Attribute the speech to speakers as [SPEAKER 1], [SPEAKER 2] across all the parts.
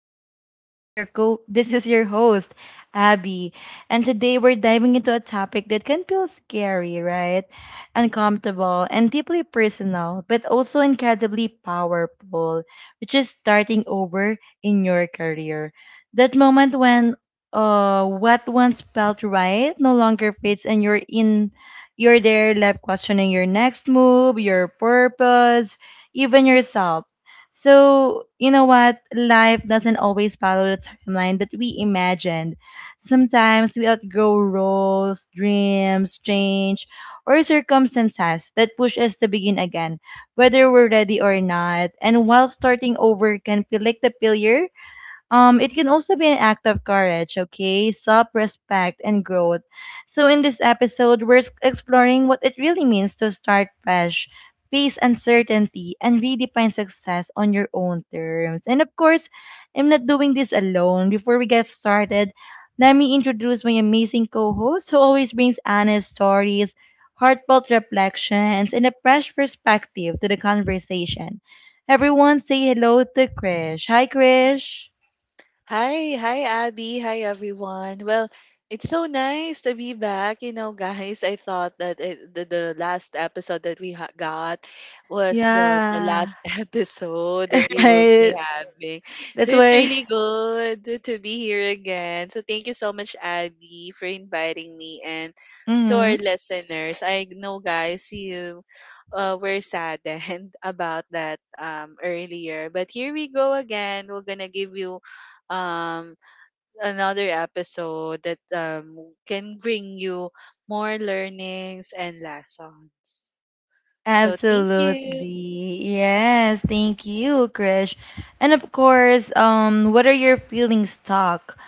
[SPEAKER 1] again, this is your host, Abby. And today we're diving into a topic that can feel scary, right? Uncomfortable and deeply personal, but also incredibly powerful, which is starting over in your career. That moment when what once felt right no longer fits and you're there left questioning your next move, your purpose, even yourself. So, you know what? Life doesn't always follow the timeline that we imagined. Sometimes we outgrow roles, dreams, change, or circumstances that push us to begin again, whether we're ready or not. And while starting over can feel like the failure, it can also be an act of courage, okay, self respect, and growth. So, in this episode, exploring what it really means to start fresh, face uncertainty, and redefine success on your own terms. And of course, I'm not doing this alone. Before we get started, let me introduce my amazing co host who always brings honest stories, heartfelt reflections, and a fresh perspective to the conversation. Everyone say hello to Krish. Hi, Krish.
[SPEAKER 2] Hi, Abby, hi everyone. Well, it's so nice to be back. You know, guys, I thought that the last episode that got was the
[SPEAKER 1] Yeah,
[SPEAKER 2] last episode that we will be
[SPEAKER 1] right.
[SPEAKER 2] having. So
[SPEAKER 1] That's
[SPEAKER 2] it's
[SPEAKER 1] why.
[SPEAKER 2] really good to be here again. So thank you so much Abby for inviting me and to
[SPEAKER 1] Hmm.
[SPEAKER 2] our listeners. I know guys you were saddened about that earlier, but here we go again. We're going to give you um, another episode that can bring you more learnings and lessons. So, thank you.
[SPEAKER 1] Absolutely. Yes, thank you, Krish. And of course, what are your feelings stuck?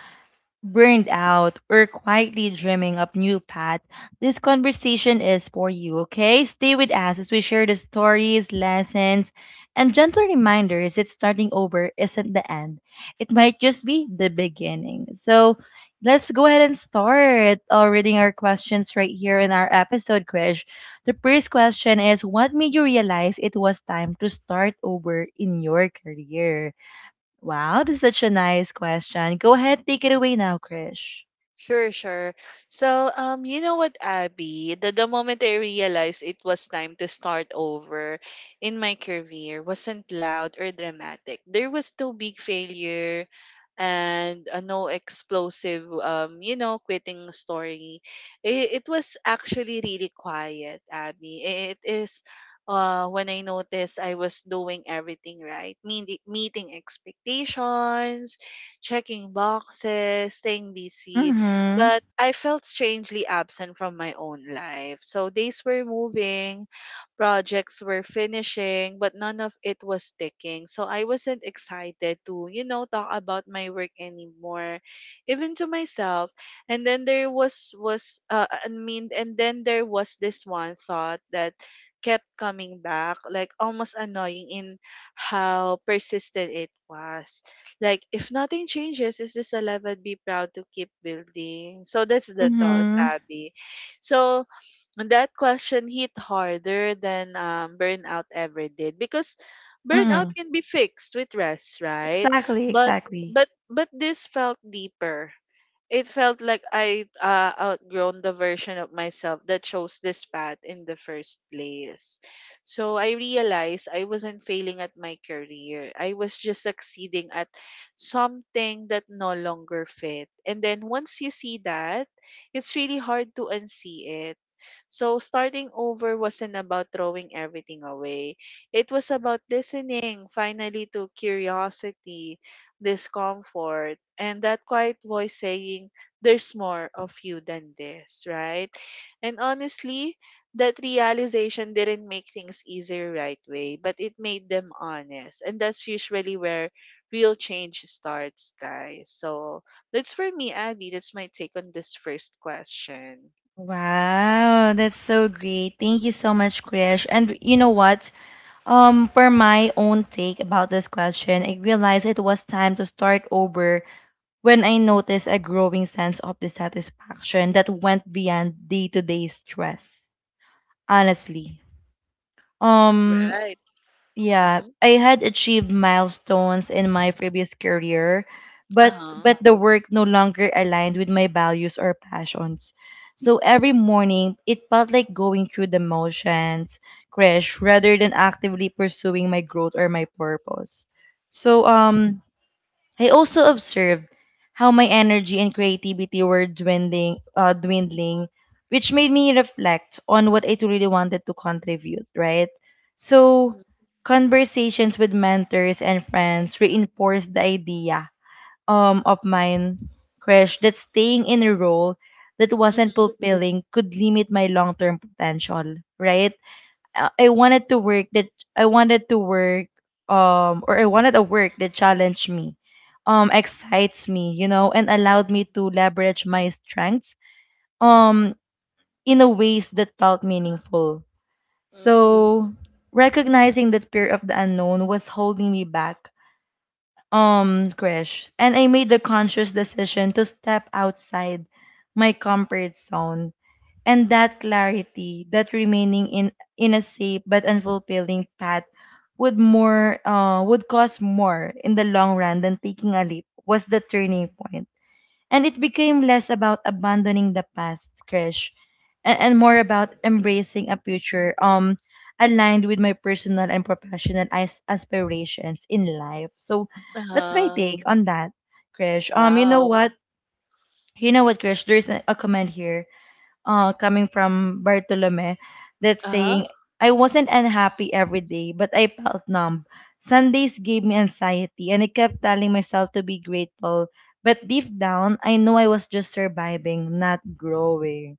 [SPEAKER 1] Burned out, or quietly dreaming up new paths, this conversation is for you, okay? Stay with us as we share the stories, lessons, and gentle reminders that starting over isn't the end. It might just be the beginning. So let's go ahead and start reading our questions right here in our episode, Krish. The first question is, what made you realize it was time to start over in your career? Wow, that's such a nice question. Go ahead, take it away now, Krish.
[SPEAKER 2] Sure, sure. So, you know what, Abby? The moment I realized it was time to start over in my career wasn't loud or dramatic. There was no big failure and no explosive, quitting story. It was actually really quiet, Abby. It is when I noticed I was doing everything right, meeting expectations, checking boxes, staying busy,
[SPEAKER 1] Mm-hmm.
[SPEAKER 2] but I felt strangely absent from my own life. So days were moving, projects were finishing, but none of it was sticking. So I wasn't excited to, you know, talk about my work anymore, even to myself. And then there was I mean, and then there was this one thought that kept coming back, like almost annoying in how persistent it was. Like, if nothing changes, is this a level be proud to keep building? So that's the thought,
[SPEAKER 1] Mm-hmm.
[SPEAKER 2] Abby. So that question hit harder than burnout ever did because burnout
[SPEAKER 1] Mm-hmm.
[SPEAKER 2] can be fixed with rest, right?
[SPEAKER 1] Exactly,
[SPEAKER 2] But
[SPEAKER 1] exactly.
[SPEAKER 2] but this felt deeper. It felt like I outgrown the version of myself that chose this path in the first place. So I realized I wasn't failing at my career. I was just succeeding at something that no longer fit. And then once you see that, it's really hard to unsee it. So starting over wasn't about throwing everything away. It was about listening finally to curiosity, discomfort, and that quiet voice saying there's more of you than this, right? And honestly, that realization didn't make things easier right way, but it made them honest, and that's usually where real change starts, guys. So that's for me, Abby. That's my take on this first question.
[SPEAKER 1] Wow, that's so great. Thank you so much, Krish. And you know
[SPEAKER 2] Mm-hmm.
[SPEAKER 1] what? For my own take about this question, I realized it was time to start over when I noticed a growing sense of dissatisfaction that went beyond day-to-day stress. Honestly. Um.
[SPEAKER 2] Right.
[SPEAKER 1] Yeah,
[SPEAKER 2] Mm-hmm.
[SPEAKER 1] I had achieved milestones in my previous career, but
[SPEAKER 2] Uh-huh.
[SPEAKER 1] the work no longer aligned with my values or passions. So every morning, it felt like going through the motions, crash, rather than actively pursuing my growth or my purpose. So um I also observed how my energy and creativity were dwindling, dwindling, which made me reflect on what I truly wanted to contribute, right? So,
[SPEAKER 2] Mm-hmm.
[SPEAKER 1] conversations with mentors and friends reinforced the idea of mine, Crash, that staying in a role that wasn't
[SPEAKER 2] Mm-hmm.
[SPEAKER 1] fulfilling could limit my long term potential, right? uh, I wanted to work that I wanted to work or I wanted a work that challenged me, excites me, you know, and allowed me to leverage my strengths um in a ways that felt meaningful. So recognizing that fear of the unknown was holding me back crash and I made the
[SPEAKER 2] Mm-hmm.
[SPEAKER 1] conscious decision to step outside my comfort zone, and that clarity that remaining in a safe but unfulfilling path would more would cost more in the long run than taking a leap was the turning point, and it became less about abandoning the past, Krish, and more about embracing a future aligned with my personal and professional aspirations in life. So that's my
[SPEAKER 2] Uh-huh.
[SPEAKER 1] take on that, Krish. You know
[SPEAKER 2] Wow.
[SPEAKER 1] what? You know what, Krish? There's a comment here coming from Bartolome that's
[SPEAKER 2] Uh-huh.
[SPEAKER 1] saying, I wasn't unhappy every day, but I felt numb. Sundays gave me anxiety, and I kept telling myself to be grateful. But deep down, I know I was just surviving, not growing.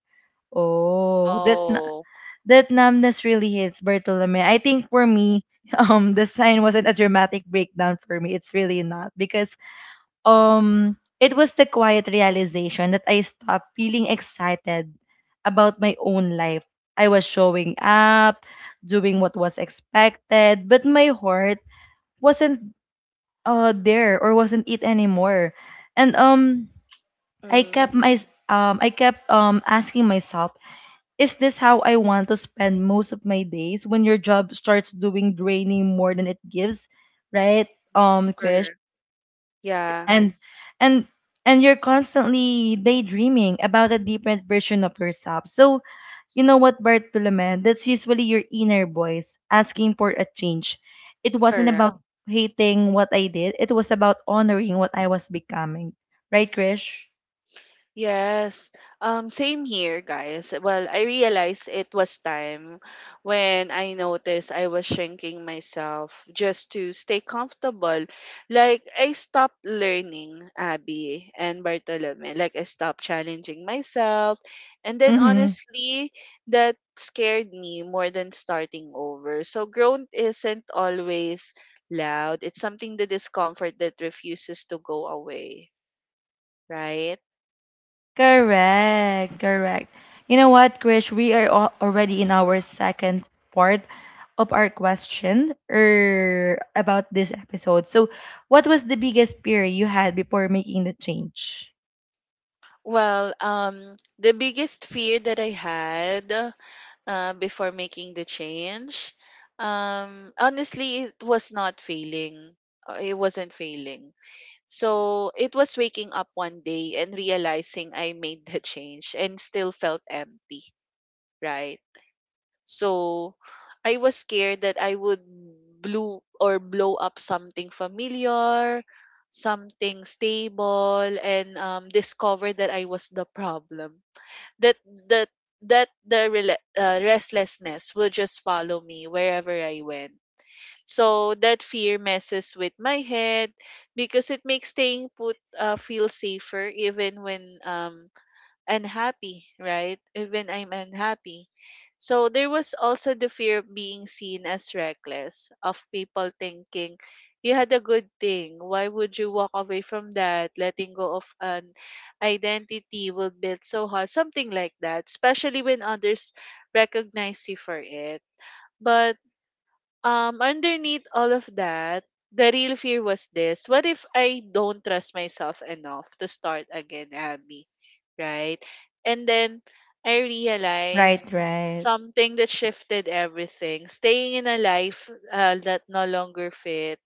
[SPEAKER 1] Oh,
[SPEAKER 2] Oh.
[SPEAKER 1] that numbness really hits Bartolome. I think for me, the sign wasn't a dramatic breakdown for me. It's really not because
[SPEAKER 2] um,
[SPEAKER 1] it was the quiet realization that I stopped feeling excited about my own life. I was showing up, doing what was expected, but my heart wasn't there or wasn't it anymore. And I kept
[SPEAKER 2] Mm,
[SPEAKER 1] my I kept asking myself, is this how I want to spend most of my days when your job starts doing draining more than it gives, right? Krish,
[SPEAKER 2] correct. Yeah,
[SPEAKER 1] and and and you're constantly daydreaming about a different version of yourself. So you know what, Bartolome, that's usually your inner voice asking for a change. It wasn't
[SPEAKER 2] correct.
[SPEAKER 1] about hating what I did. It was about honoring what I was becoming. Right, Krish?
[SPEAKER 2] Yes. Same here, guys. Well, I realized it was time when I noticed I was shrinking myself just to stay comfortable. Like, I stopped learning, Abby and Bartolome. Like, I stopped challenging myself. And then,
[SPEAKER 1] Mm-hmm.
[SPEAKER 2] honestly, that scared me more than starting over. So, growth isn't always loud, it's something the discomfort that refuses to go away, right?
[SPEAKER 1] Correct, correct. You know what, Krish? We are already in our second part of our question about this episode. So, what was the biggest fear you had before making the change?
[SPEAKER 2] Well, the biggest fear that I had before making the change, honestly, it was not failing. It wasn't failing. So it was waking up one day and realizing I made the change and still felt empty, right? So I was scared that I would blow or blow up something familiar, something stable, and discover that I was the problem, that that that the restlessness will just follow me wherever I went. So that fear messes with my head because it makes staying put feel safer even when unhappy, right? Even I'm unhappy. So there was also the fear of being seen as reckless, of people thinking, you had a good thing. Why would you walk away from that? Letting go of an identity will build so hard. Something like that, especially when others recognize you for it. But underneath all of that, the real fear was this. What if I don't trust myself enough to start again, Abby? Right? And then I realized
[SPEAKER 1] Right, right.
[SPEAKER 2] something that shifted everything. Staying in a life that no longer fit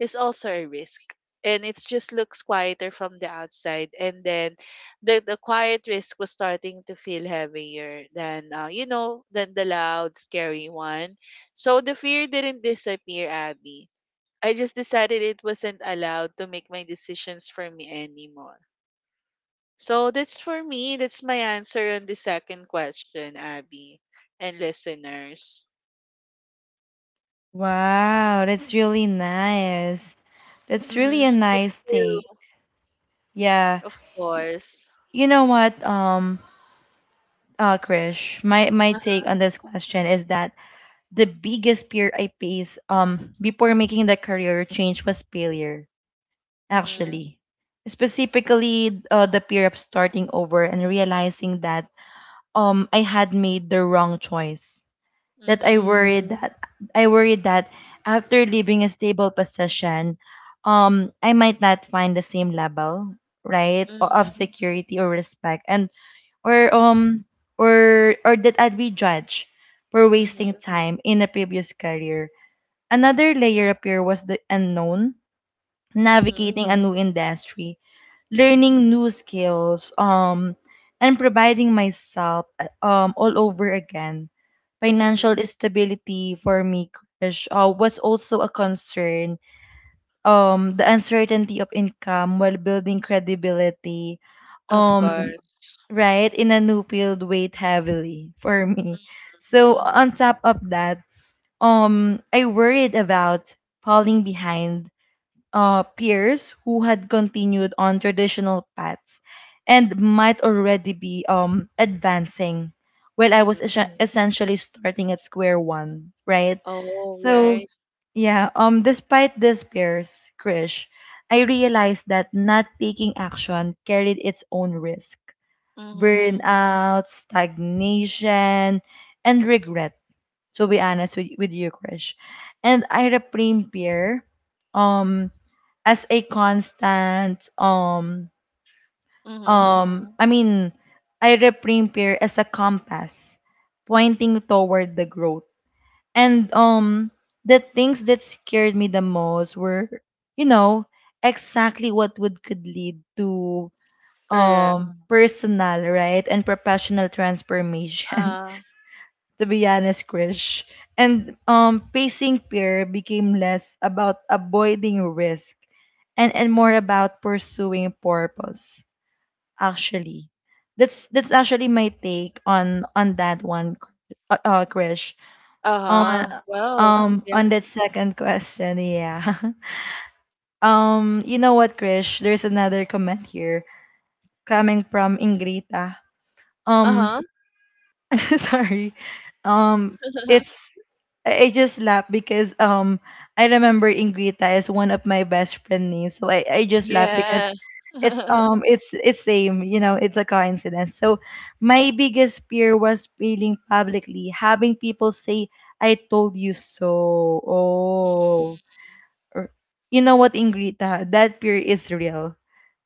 [SPEAKER 2] is also a risk. And it just looks quieter from the outside. And then the quiet risk was starting to feel heavier than, than the loud, scary one. So the fear didn't disappear, Abby. I just decided it wasn't allowed to make my decisions for me anymore. So that's for me. That's my answer on the second question, Abby and listeners.
[SPEAKER 1] Wow, that's really nice. That's really a
[SPEAKER 2] Mm-hmm. Thank
[SPEAKER 1] nice take.
[SPEAKER 2] you.
[SPEAKER 1] Yeah.
[SPEAKER 2] Of course.
[SPEAKER 1] You know what, Krish, my take on this question is that the biggest fear I faced before making the career change was failure,
[SPEAKER 2] Mm-hmm.
[SPEAKER 1] actually. Specifically, the fear of starting over and realizing that I had made the wrong choice, that I
[SPEAKER 2] Mm-hmm.
[SPEAKER 1] worried that I worried that after leaving a stable position, I might not find the same level, right, of
[SPEAKER 2] Mm-hmm.
[SPEAKER 1] security or respect, and or um or that I'd be judged for
[SPEAKER 2] Mm-hmm.
[SPEAKER 1] wasting time in a previous career. Another layer up here was the unknown,
[SPEAKER 2] Mm-hmm.
[SPEAKER 1] navigating a new industry, learning new skills, and providing myself all over again.
[SPEAKER 2] Mm-hmm.
[SPEAKER 1] Financial stability for me, Krish, was also a concern. The uncertainty of income while building credibility,
[SPEAKER 2] Of
[SPEAKER 1] um,
[SPEAKER 2] course.
[SPEAKER 1] right, in a new field weighed heavily for me. So
[SPEAKER 2] Mm-hmm.
[SPEAKER 1] on top of that, I worried about falling behind peers who had continued on traditional paths and might already be advancing while I was
[SPEAKER 2] Mm-hmm.
[SPEAKER 1] essentially starting at square one, right?
[SPEAKER 2] Oh,
[SPEAKER 1] So,
[SPEAKER 2] right.
[SPEAKER 1] yeah, despite these peers, Krish, I realized that not taking action carried its own risk,
[SPEAKER 2] Mm-hmm.
[SPEAKER 1] burnout, stagnation, and regret, to be honest with you, Krish. And I reframe fear um as a constant
[SPEAKER 2] Mm-hmm.
[SPEAKER 1] I mean I reframe fear as a compass pointing toward the growth. And the things that scared me the most were, you know, exactly what would could lead to
[SPEAKER 2] Correct.
[SPEAKER 1] personal, right? And professional transformation.
[SPEAKER 2] Uh,
[SPEAKER 1] To be honest, Krish. And pacing fear became less about avoiding risk, and more about pursuing purpose, actually. That's actually my take on that one, Krish. On
[SPEAKER 2] uh-huh. Well, yeah.
[SPEAKER 1] on that second question, yeah. Um, you know what, Krish? There's another comment here coming from Ingrita. Um,
[SPEAKER 2] Uh-huh.
[SPEAKER 1] sorry, um it's, I just laugh because I remember Ingrita is one of my best friend names, so I just laugh because
[SPEAKER 2] Yeah.
[SPEAKER 1] it's it's same, you know, it's a coincidence. So, my biggest fear was failing publicly, having people say, I told you so. Oh. Or, you know what, Ingrita, that fear is real,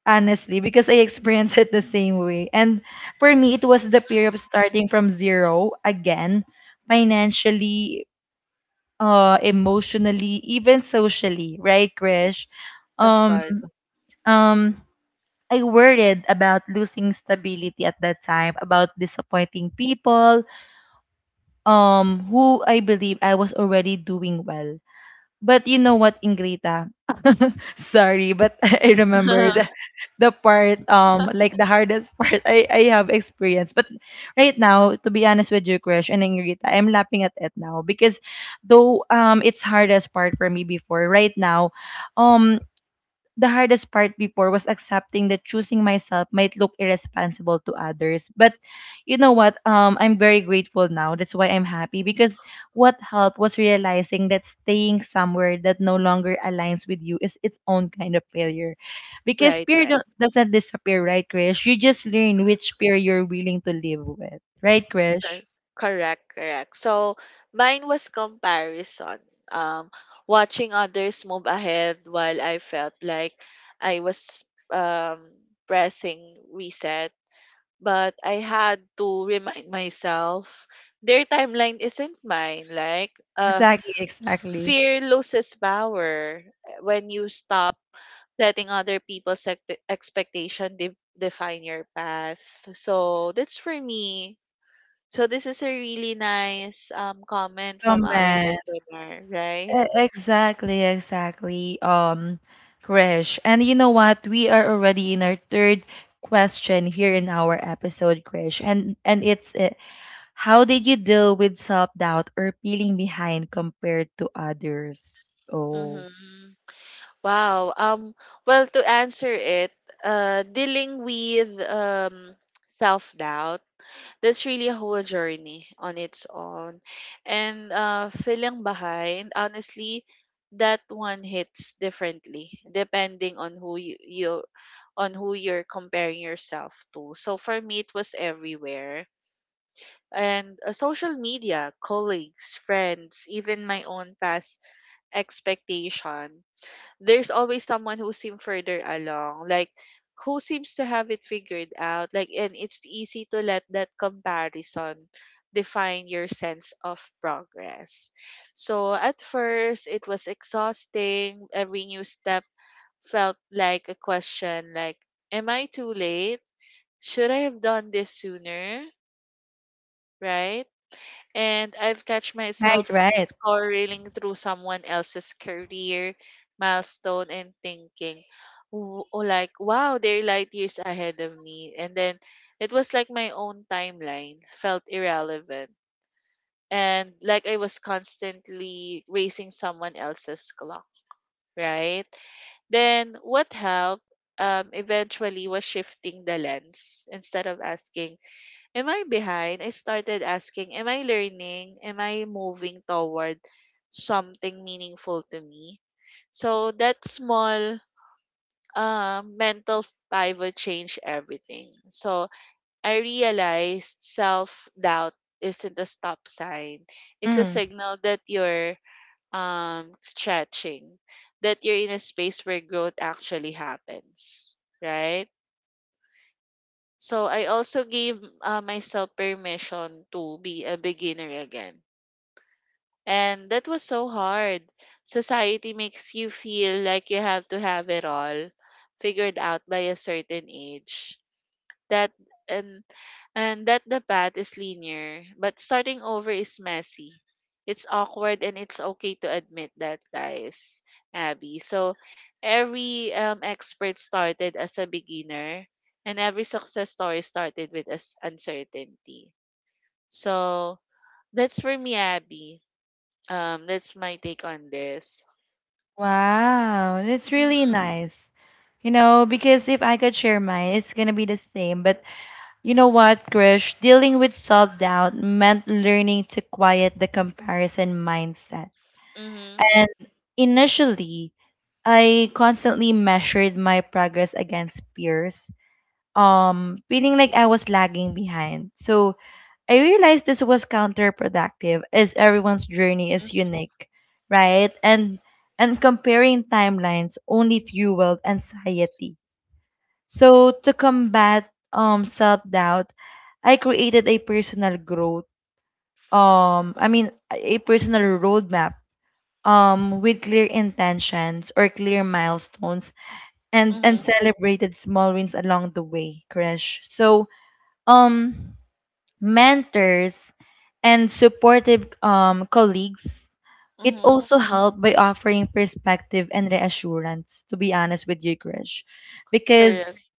[SPEAKER 1] honestly, because I experienced it the same way. And for me, it was the fear of
[SPEAKER 2] Mhm.
[SPEAKER 1] starting from zero again, financially, emotionally, even socially, right, Krish?
[SPEAKER 2] Of
[SPEAKER 1] Um,
[SPEAKER 2] course.
[SPEAKER 1] um, I worried about losing stability at that time, about disappointing people, who I believe I was already doing well. But you know what, Ingrita? Sorry, but I remember the part, like the hardest part I have experienced. But right now, to be honest with you, Krish and Ingrita, I'm laughing at it now because though it's hardest part for me before, right now, um the hardest part before was accepting that choosing myself might look irresponsible to others. But you know what? I'm very grateful now. That's why I'm happy, because what helped was realizing that staying somewhere that no longer aligns with you is its own kind of failure. Because
[SPEAKER 2] Right,
[SPEAKER 1] fear
[SPEAKER 2] right.
[SPEAKER 1] don't, doesn't disappear, right, Krish? You just learn
[SPEAKER 2] Cor-
[SPEAKER 1] which fear you're willing to live with, right, Krish?
[SPEAKER 2] Cor- Correct, correct. So mine was comparison. Um, Watching others move ahead while I felt like I was um pressing reset, but I had to remind myself their timeline isn't mine. Like,
[SPEAKER 1] Exactly, exactly.
[SPEAKER 2] fear loses power when you stop letting other expectation define your path. So that's for me. So this is a really nice comment from
[SPEAKER 1] Come,
[SPEAKER 2] our listener, right?
[SPEAKER 1] Exactly, exactly. Krish. And you know what? We are already in our third question here in our episode, Krish. And it's how did you deal with self-doubt or feeling behind compared to others? Oh,
[SPEAKER 2] Mm-hmm. Wow. Well, to answer it, dealing with self doubt, that's really a whole journey on its own. And feeling behind, honestly, that one hits differently depending on who you, you on who you're comparing yourself to. So for me, it was everywhere. And social media, colleagues, friends, even my own past expectation, there's always someone who seems further along, like who seems to have it figured out. Like, and it's easy to let that comparison define your sense of progress. So at first, it was exhausting. Every new step felt like a question like, am I too late? Should I have done this sooner? Right? And I've catch
[SPEAKER 1] right,
[SPEAKER 2] myself
[SPEAKER 1] right.
[SPEAKER 2] scrolling through someone else's career, milestone, and thinking, oh, like, wow, they're light years ahead of me." And then it was like my own timeline felt irrelevant. And like I was constantly racing someone else's clock, right? Then what helped eventually was shifting the lens. Instead of asking, am I behind? I started asking, am I learning? Am I moving toward something meaningful to me? So that small mental pivot changed everything. So I realized self doubt isn't a stop sign, it's a
[SPEAKER 1] Mm.
[SPEAKER 2] signal that you're stretching, that you're in a space where growth actually happens, right? So I also gave myself permission to be a beginner again. And that was so hard. Society makes you feel like you have to have it all figured out by a certain age. That and and that the path is linear, but starting over is messy. It's awkward and it's okay to admit that, guys, Abby. So every expert started as a beginner, and every success story started with as uncertainty. So that's for me, Abby. That's my take on this.
[SPEAKER 1] Wow, that's really
[SPEAKER 2] Mm-hmm.
[SPEAKER 1] nice. You know, because if I could share mine, it's gonna be the same, but you know what, Krish? Dealing with self doubt meant learning to quiet the comparison mindset.
[SPEAKER 2] Mm-hmm.
[SPEAKER 1] And initially, I constantly measured my progress against peers, feeling like I was lagging behind. So I realized this was counterproductive, as everyone's journey is unique, right? And comparing timelines only fueled anxiety, so to combat self-doubt, I created a personal growth I mean a personal roadmap with clear intentions or clear milestones, and
[SPEAKER 2] Mm-hmm.
[SPEAKER 1] celebrated small wins along the way, Krish. So um mentors and supportive colleagues, it
[SPEAKER 2] Mm-hmm.
[SPEAKER 1] also helped by offering perspective and reassurance, to be honest with you, Krish,
[SPEAKER 2] Correct.
[SPEAKER 1] because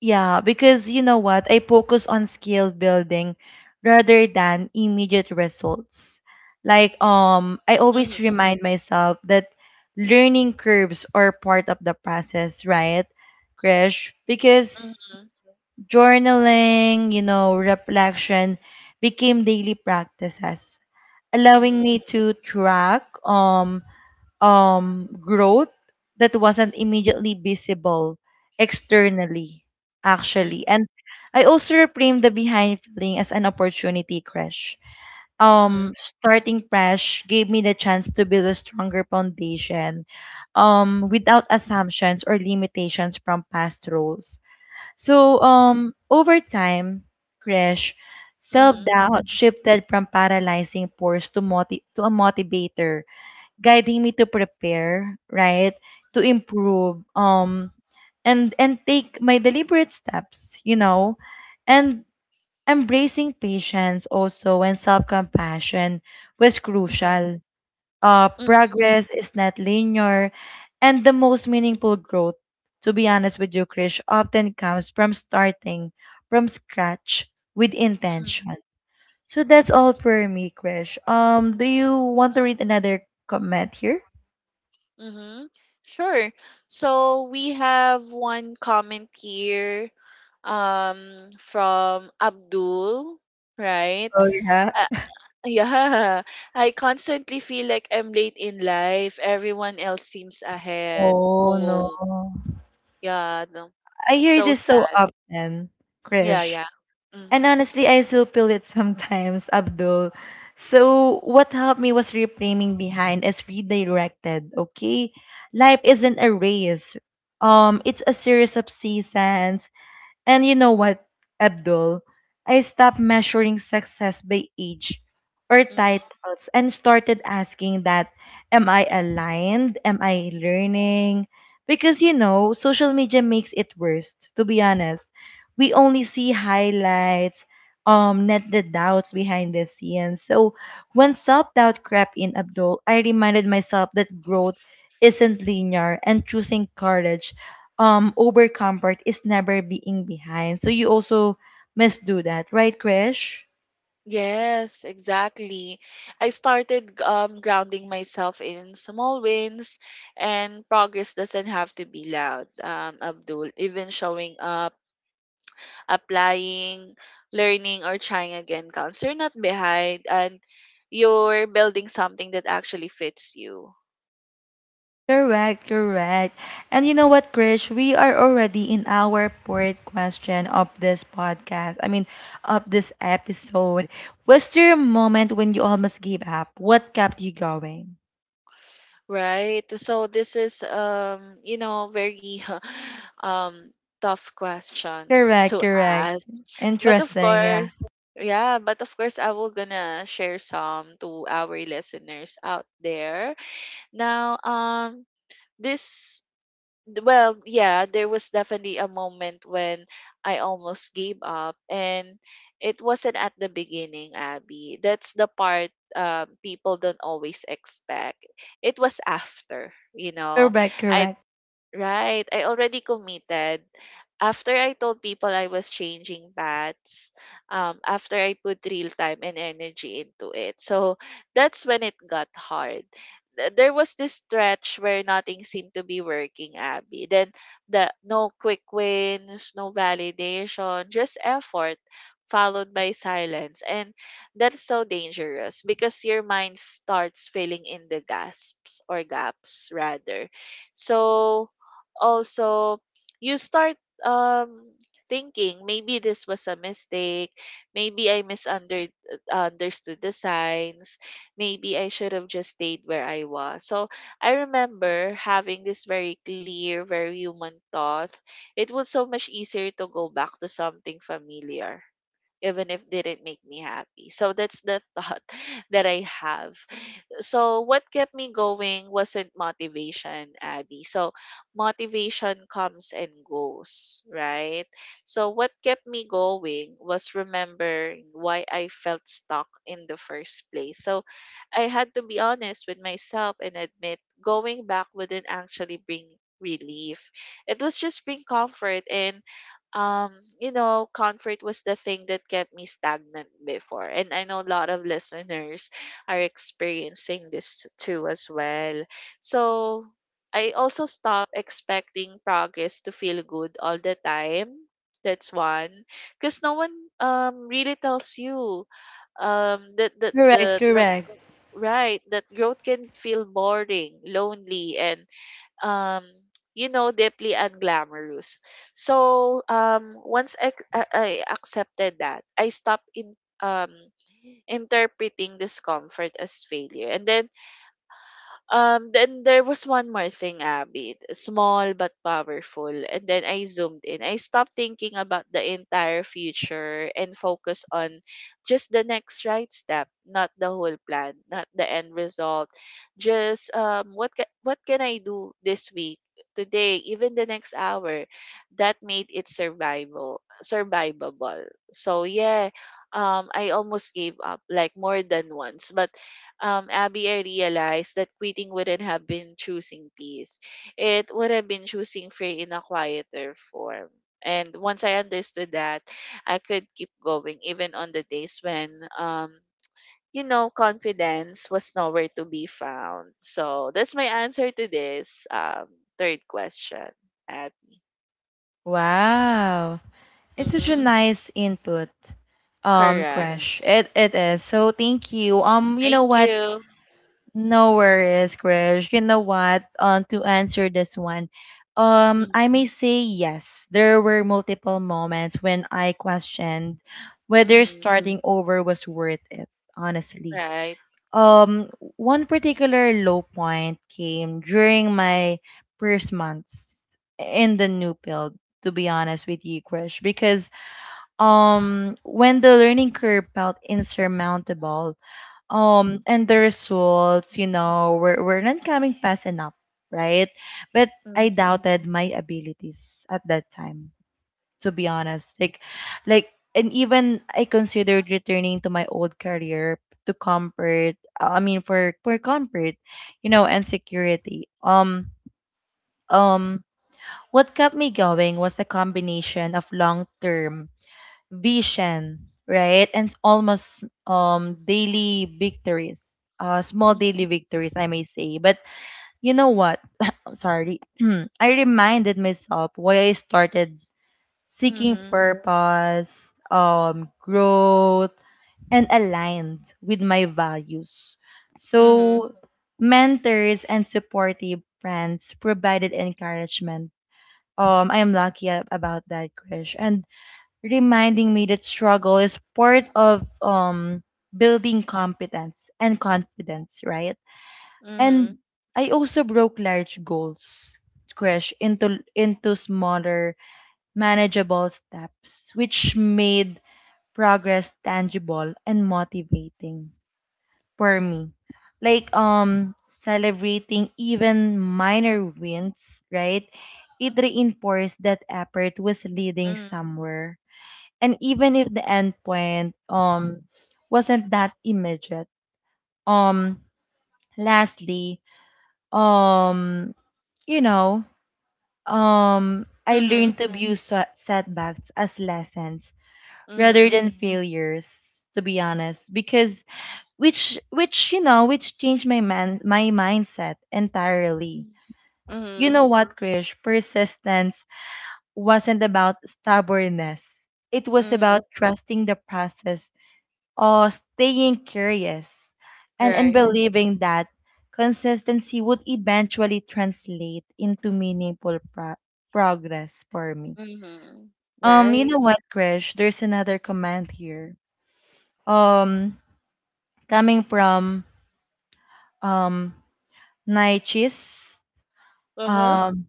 [SPEAKER 1] yeah, because you know what? I focus on skill building rather than immediate results. Like I
[SPEAKER 2] Mm-hmm.
[SPEAKER 1] always remind myself that learning curves are part of the process, right? Krish, because
[SPEAKER 2] Mm-hmm.
[SPEAKER 1] journaling, you know, reflection became daily practices, allowing me to track growth that wasn't immediately visible externally, actually.
[SPEAKER 2] Mm-hmm.
[SPEAKER 1] And I also reframed the behind feeling as an opportunity crash.
[SPEAKER 2] Mm-hmm.
[SPEAKER 1] Starting crash gave me the chance to build a stronger foundation without assumptions or limitations from past roles. So, over time, Crash, self
[SPEAKER 2] Mm-hmm.
[SPEAKER 1] doubt shifted from paralyzing force to a motivator guiding me to prepare, right? To improve, and take my deliberate steps, you know, and embracing patience also and self-compassion was
[SPEAKER 2] Mm-hmm.
[SPEAKER 1] crucial.
[SPEAKER 2] Mm-hmm.
[SPEAKER 1] Progress is not linear, and the most meaningful growth, to be honest with you, Krish, often comes from starting from scratch with intention. So that's all for me, Krish. Do you want to read another comment here?
[SPEAKER 2] Mm-hmm. Sure. So we have one comment here from Abdul, right?
[SPEAKER 1] Oh, yeah?
[SPEAKER 2] Uh, yeah, I constantly feel like I'm late in life. Everyone else seems ahead.
[SPEAKER 1] Oh, no.
[SPEAKER 2] Oh, yeah. No.
[SPEAKER 1] I hear
[SPEAKER 2] So
[SPEAKER 1] this so
[SPEAKER 2] sad.
[SPEAKER 1] often,
[SPEAKER 2] Yeah,
[SPEAKER 1] Krish.
[SPEAKER 2] yeah.
[SPEAKER 1] And
[SPEAKER 2] Mm-hmm.
[SPEAKER 1] honestly, I still feel it sometimes, Abdul. So, what helped me was reframing behind as redirected, okay? Life isn't a race. It's a series of seasons. And you know what, Abdul? I stopped measuring success by age or
[SPEAKER 2] Mm-hmm.
[SPEAKER 1] titles and started asking that, am I aligned? Am I learning? Because, you know, social media makes it worse, to be honest. We only see highlights, not the doubts behind the scenes. So when self-doubt crept in, Abdul, I reminded myself that growth isn't linear and choosing courage over comfort is never being behind. So you also must do that, right, Krish?
[SPEAKER 2] Yes, exactly. I started grounding myself in small wins, and progress doesn't have to be loud, Abdul. Even showing up, applying, learning, or trying again counts. You're not behind, and you're building something that actually fits you.
[SPEAKER 1] Correct, correct. And you know what, Krish? We are already in our fourth question of this podcast. I mean, of this episode. Was there a moment when you almost gave up? What kept you going?
[SPEAKER 2] Right. So this is very um tough question
[SPEAKER 1] Correct,
[SPEAKER 2] to
[SPEAKER 1] correct.
[SPEAKER 2] ask. But of
[SPEAKER 1] Interesting, yeah.
[SPEAKER 2] course, yeah, but of course I will gonna share some to our listeners out there. Now, this d- well yeah, there was definitely a moment when I almost gave up, and it wasn't at the beginning, Abby. That's the part people don't always expect. It was after, you know
[SPEAKER 1] Correct,
[SPEAKER 2] I
[SPEAKER 1] correct.
[SPEAKER 2] right, I already committed. After I told people I was changing paths, after I put real time and energy into it. So that's when it got hard. There was this stretch where nothing seemed to be working, Abby. Then the no quick wins, no validation, just effort followed by silence. And that's so dangerous because your mind starts filling in the gasps or gaps rather. So also you start um thinking maybe this was a mistake, maybe I misunder understood the signs, maybe I should have just stayed where I was. So I remember having this very clear, very human thought. It was so much easier to go back to something familiar, even if didn't make me happy. So that's the thought that I have. So what kept me going wasn't motivation, Abby. So motivation comes and goes, right? So what kept me going was remembering why I felt stuck in the first place. So I had to be honest with myself and admit going back wouldn't actually bring relief. It was just bring comfort, and um, comfort was the thing that kept me stagnant before. And I know a lot of listeners are experiencing this too as well. So I also stop expecting progress to feel good all the time. That's one. Because no one really tells you, that that
[SPEAKER 1] Correct,
[SPEAKER 2] the
[SPEAKER 1] correct.
[SPEAKER 2] right, that growth can feel boring, lonely, and um deeply unglamorous. So once I accepted that, I stopped in um interpreting discomfort as failure. And then there was one more thing, Abby. Small but powerful. And then I zoomed in. I stopped thinking about the entire future and focused on just the next right step, not the whole plan, not the end result. Just what can I do this week, today, even the next hour? That made it survival survivable. So yeah, I almost gave up, like more than once, but Abby, I realized that quitting wouldn't have been choosing peace. It would have been choosing free in a quieter form. And once I understood that, I could keep going even on the days when, confidence was nowhere to be found. So that's my answer to this third question, Abby.
[SPEAKER 1] Wow. It's such a
[SPEAKER 2] Mm-hmm.
[SPEAKER 1] nice input,
[SPEAKER 2] Correct.
[SPEAKER 1] Krish. It is. So thank you. Um, you know
[SPEAKER 2] Thank
[SPEAKER 1] what?
[SPEAKER 2] you.
[SPEAKER 1] No worries, Krish. You know what? To answer this one,
[SPEAKER 2] Mm-hmm.
[SPEAKER 1] I may say yes. There were multiple moments when I questioned whether
[SPEAKER 2] Mm-hmm.
[SPEAKER 1] starting over was worth it. Honestly,
[SPEAKER 2] Right.
[SPEAKER 1] one particular low point came during my first months in the new build. To be honest with you, Krish, because when the learning curve felt insurmountable and the results, you know, were not coming fast enough, right? But I
[SPEAKER 2] Mm-hmm.
[SPEAKER 1] doubted my abilities at that time, to be honest, like and even I considered returning to my old career to comfort, I mean, for comfort, you know, and security. Um what kept me going was a combination of long-term vision, right? And almost daily victories, small
[SPEAKER 2] Mm-hmm.
[SPEAKER 1] daily victories, I may say. But you know what? Sorry. I reminded myself why I started seeking
[SPEAKER 2] Mm-hmm.
[SPEAKER 1] purpose, growth and aligned with my values.
[SPEAKER 2] Mm-hmm.
[SPEAKER 1] So mentors and supportive friends provided encouragement. I am lucky about that, Krish. And reminding me that struggle is part of building competence and confidence, right? And I also broke large goals, crash into smaller, manageable steps, which made progress tangible and motivating for me. Like celebrating even minor wins, right? It reinforced that effort was leading
[SPEAKER 2] Mm-hmm.
[SPEAKER 1] somewhere, and even if the end point wasn't that immediate. Um lastly um you know um I learned
[SPEAKER 2] Mhm,
[SPEAKER 1] to view setbacks as lessons rather
[SPEAKER 2] mhm,
[SPEAKER 1] than failures, to be honest, because which you know, which changed my mindset entirely. You
[SPEAKER 2] mhm,
[SPEAKER 1] know what, Krish? Persistence wasn't about stubbornness. It was
[SPEAKER 2] mhm,
[SPEAKER 1] about trusting the process or staying curious and in
[SPEAKER 2] right,
[SPEAKER 1] believing that consistency would eventually translate into progress for me.
[SPEAKER 2] mhm,
[SPEAKER 1] You
[SPEAKER 2] right,
[SPEAKER 1] know what, Krish? There's another comment here. Um, coming from um Naichis.
[SPEAKER 2] uh-huh,
[SPEAKER 1] Um,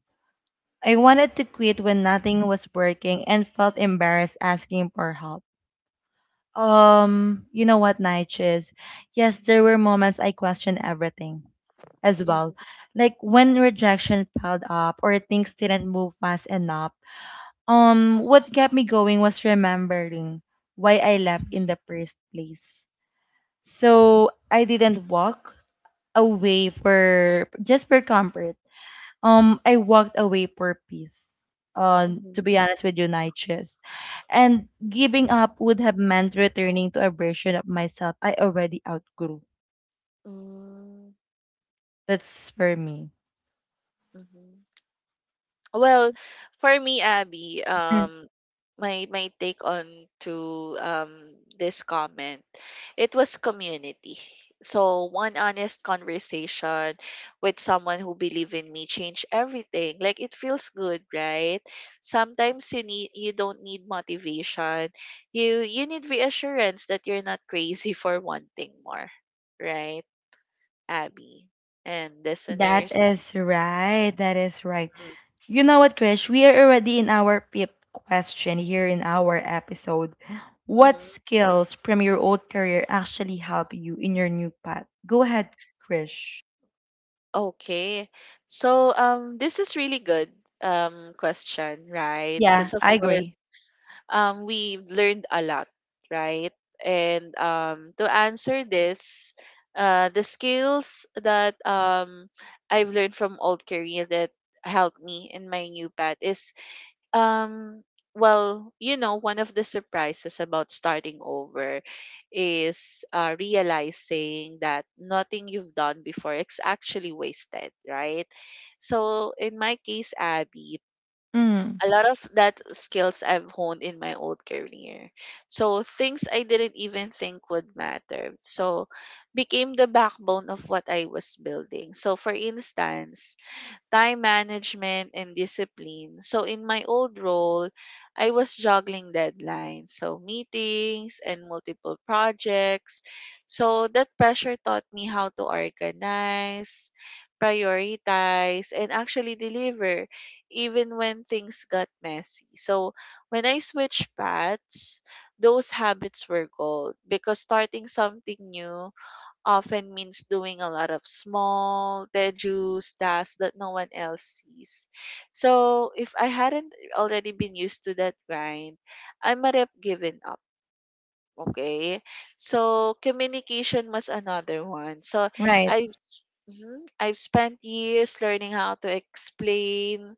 [SPEAKER 1] I wanted to quit when nothing was working and felt embarrassed asking for help. You know what, Nigel? Yes, there were moments I questioned everything as
[SPEAKER 2] mhm,
[SPEAKER 1] well. Like when rejection piled up or things didn't move fast enough. What kept me going was remembering why I left in
[SPEAKER 2] mhm,
[SPEAKER 1] the first place. So I didn't walk away for just for comfort. I walked away for peace.
[SPEAKER 2] mhm,
[SPEAKER 1] To be honest with you, Niches. And giving up would have meant returning to a version of myself I already outgrew.
[SPEAKER 2] mm,
[SPEAKER 1] That's for me.
[SPEAKER 2] mhm. Well, for me, Abby, my take on to this comment, it was community. So one honest conversation with someone who believe in me changed everything. Like it feels good, right? Sometimes you don't need motivation. You need reassurance that you're not crazy for wanting more, right, Abby and
[SPEAKER 1] That
[SPEAKER 2] listeners.
[SPEAKER 1] is right. That is right.
[SPEAKER 2] Mm,
[SPEAKER 1] You know what, Krish? We are already in our fifth question here in our episode. What
[SPEAKER 2] mm-hmm.
[SPEAKER 1] skills from your old career actually help you in your new path? Go ahead, Krish.
[SPEAKER 2] Okay. So this is really good question, right?
[SPEAKER 1] Yeah,
[SPEAKER 2] Because of
[SPEAKER 1] I
[SPEAKER 2] course
[SPEAKER 1] agree.
[SPEAKER 2] we've learned a lot, right? And to answer this, the skills that I've learned from old career that helped me in my new path is um, well, one of the surprises about starting over is realizing that nothing you've done before is actually wasted, right? So, in my case, Abby,
[SPEAKER 1] Mm,
[SPEAKER 2] a lot of that skills I've honed in my old career. So, things I didn't even think would matter. So, became the backbone of what I was building. So, for instance, time management and discipline. So in my old role, I was juggling deadlines, so meetings and multiple projects. So that pressure taught me how to organize, prioritize, and actually deliver even when things got messy. So when I switched paths, those habits were gold because starting something new often means doing a lot of small, tedious tasks that no one else sees. So if I hadn't already been used to that grind, I might have given up. Okay. So communication was another one. So
[SPEAKER 1] right.
[SPEAKER 2] I've spent years learning how to explain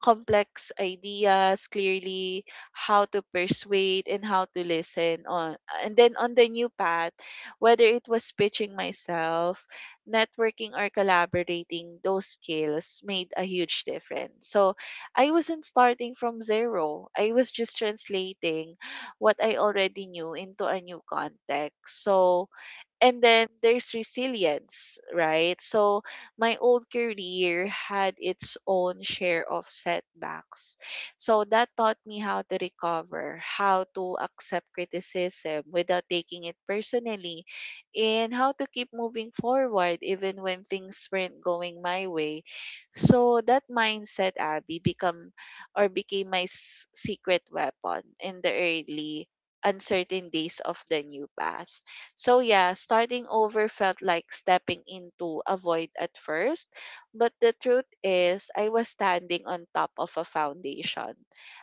[SPEAKER 2] complex ideas clearly, how to persuade and how to listen on and then on the new path, whether it was pitching myself, networking or collaborating, those skills made a huge difference. So I wasn't starting from zero. I was just translating what I already knew into a new context. So, and then there's resilience, right? So my old career had its own share of setbacks. So that taught me how to recover, how to accept criticism without taking it personally, and how to keep moving forward even when things weren't going my way. So that mindset, Abby, become or became my secret weapon in the early uncertain days of the new path. So yeah, starting over felt like stepping into a void at first, but the truth is I was standing on top of a foundation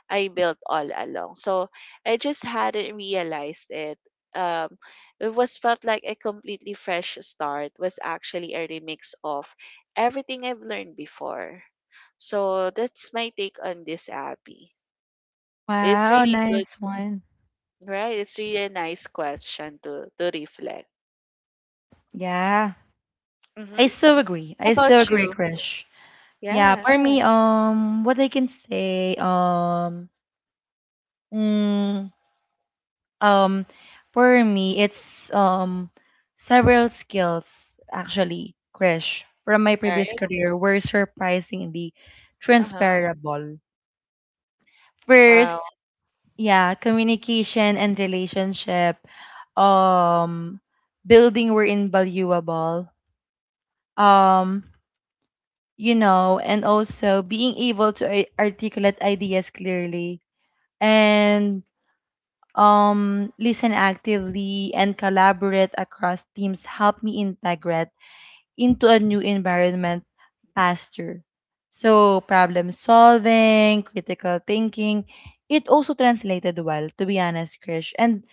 [SPEAKER 2] I built all along. So I just hadn't realized it. Um, it was felt like a completely fresh start was actually a remix of everything I've learned before. So that's my take on this, Abby. It's
[SPEAKER 1] Wow,
[SPEAKER 2] really good,
[SPEAKER 1] nice one.
[SPEAKER 2] right? It's really a nice question to reflect.
[SPEAKER 1] Yeah. I so agree.
[SPEAKER 2] How
[SPEAKER 1] I
[SPEAKER 2] about
[SPEAKER 1] so agree,
[SPEAKER 2] you?
[SPEAKER 1] Krish. Yeah,
[SPEAKER 2] Yes,
[SPEAKER 1] for me, what I can say, mm, um, for me, it's several skills actually, Krish, from my previous
[SPEAKER 2] right?
[SPEAKER 1] career were surprisingly
[SPEAKER 2] Uh-huh.
[SPEAKER 1] transferable. First,
[SPEAKER 2] Wow.
[SPEAKER 1] yeah, communication and relationship, um, building were invaluable. Um, you know, and also being able to articulate ideas clearly and listen actively and collaborate across teams help me integrate into a new environment faster. So, problem solving, critical thinking, it also translated well, to be honest, Krish. And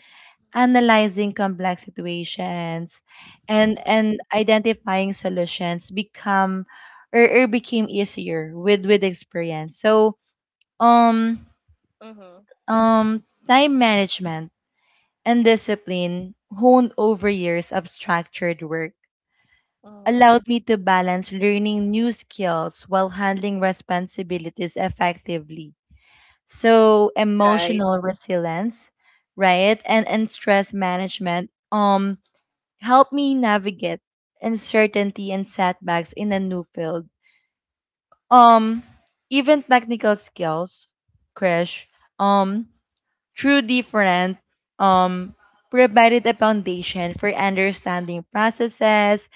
[SPEAKER 1] analyzing complex situations and
[SPEAKER 2] Mhm.
[SPEAKER 1] and identifying solutions become or became easier with experience. So um
[SPEAKER 2] Mm-hmm.
[SPEAKER 1] time management and discipline honed over years of structured work
[SPEAKER 2] Mm-hmm.
[SPEAKER 1] allowed me to balance learning new skills while handling responsibilities effectively. So
[SPEAKER 2] Right.
[SPEAKER 1] emotional resilience, right? And stress management helped me navigate uncertainty and setbacks in a new field. Um, Even technical skills, Krish, um, through different, um, provided a foundation for understanding processes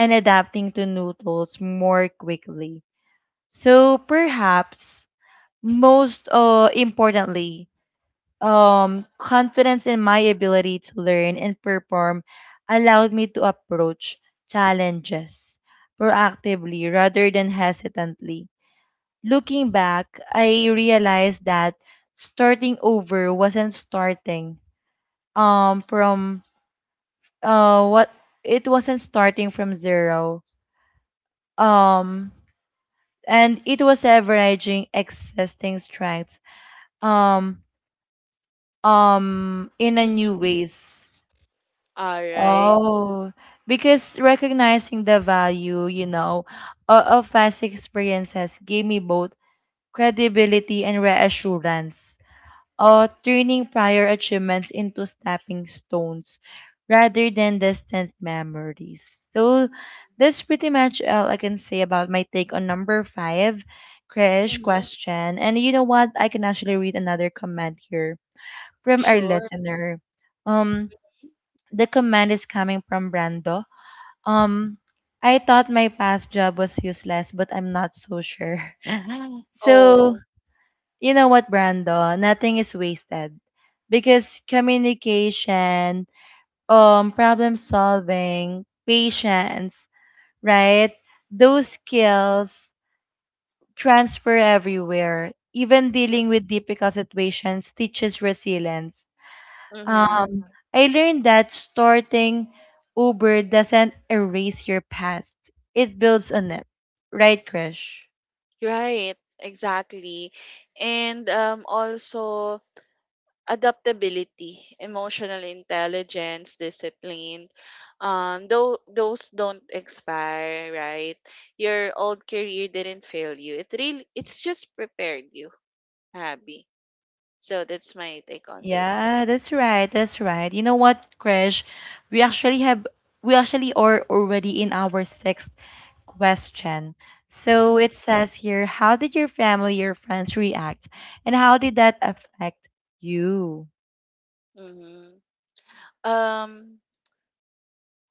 [SPEAKER 1] and adapting to new tools more quickly. So perhaps most importantly, confidence in my ability to learn and perform allowed me to approach challenges proactively rather than hesitantly. Looking back, I realized that starting over wasn't starting from what it wasn't starting from zero, um and it was leveraging existing strengths um in a
[SPEAKER 2] Mhm.
[SPEAKER 1] new ways.
[SPEAKER 2] All right.
[SPEAKER 1] Oh, because recognizing the value, you know, of past experiences gave me both credibility and reassurance, turning prior achievements into stepping stones rather than distant memories. So that's pretty much all I can say about my take on number five, Krish
[SPEAKER 2] Mhm.
[SPEAKER 1] question. And you know what? I can actually read another comment here from our
[SPEAKER 2] Sure.
[SPEAKER 1] listener. Um, the comment is coming from Brando. um, I thought my past job was useless, but I'm not so sure. So,
[SPEAKER 2] Oh.
[SPEAKER 1] you know what, Brando? Nothing is wasted because communication, problem solving, patience, right? Those
[SPEAKER 2] Mm-hmm.
[SPEAKER 1] skills transfer everywhere. Even dealing with difficult situations teaches resilience.
[SPEAKER 2] Mm-hmm.
[SPEAKER 1] Um, I learned that starting Uber doesn't erase your past. It builds on it. Right, Krish?
[SPEAKER 2] Right, exactly. And also adaptability, emotional intelligence, discipline. Though those don't expire, right? Your old career didn't fail you. It's just prepared you, Abby. So that's my take on this.
[SPEAKER 1] Yeah, that's right. That's right. You know what, Krish? We actually have we actually are already in our sixth question. So
[SPEAKER 2] Hmm.
[SPEAKER 1] it says here, how did your family, your friends react? And how did that affect you?
[SPEAKER 2] Hmm. Um,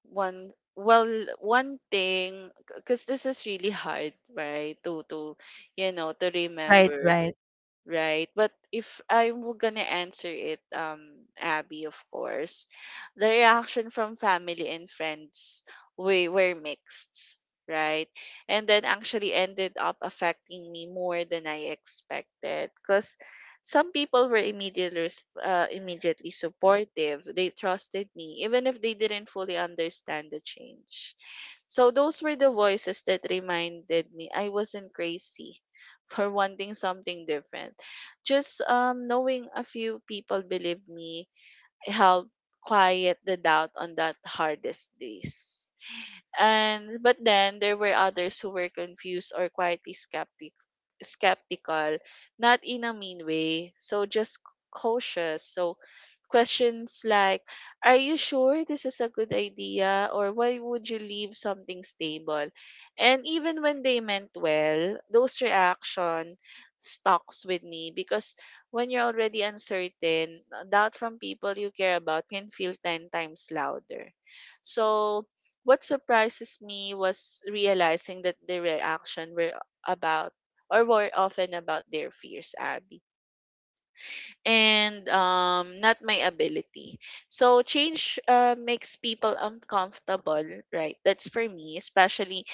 [SPEAKER 2] one well, one thing, because this is really hard, right? To you know to
[SPEAKER 1] Right,
[SPEAKER 2] remember.
[SPEAKER 1] right.
[SPEAKER 2] Right? But if I'm gonna answer it, Abby, of course, the reaction from family and friends we were mixed, right? And then actually ended up affecting me more than I expected, because some people were immediately supportive. They trusted me, even if they didn't fully understand the change. So those were the voices that reminded me I wasn't crazy for wanting something different, just knowing a few people believe me helped quiet the doubt on that hardest days. And but then there were others who were confused or quietly skeptical, not in a mean way, so just cautious. So questions like, are you sure this is a good idea? Or why would you leave something stable? And even when they meant well, those reaction stalks with me, because when you're already uncertain, doubt from people you care about can feel 10 times louder. So, what surprises me was realizing that the reaction about were often about their fears, Abby, and not my ability. So change makes people uncomfortable, right? That's for me, especially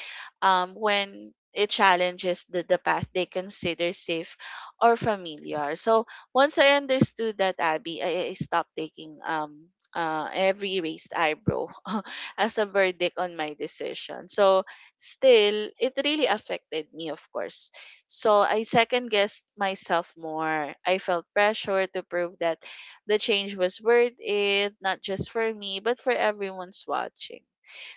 [SPEAKER 2] when it challenges the path they consider safe or familiar. So once I understood that, Abby, I stopped taking every raised eyebrow as a verdict on my decision. So still, it really affected me, of course, so I second guessed myself more. I felt pressure to prove that the change was worth it, not just for me, but for everyone's watching.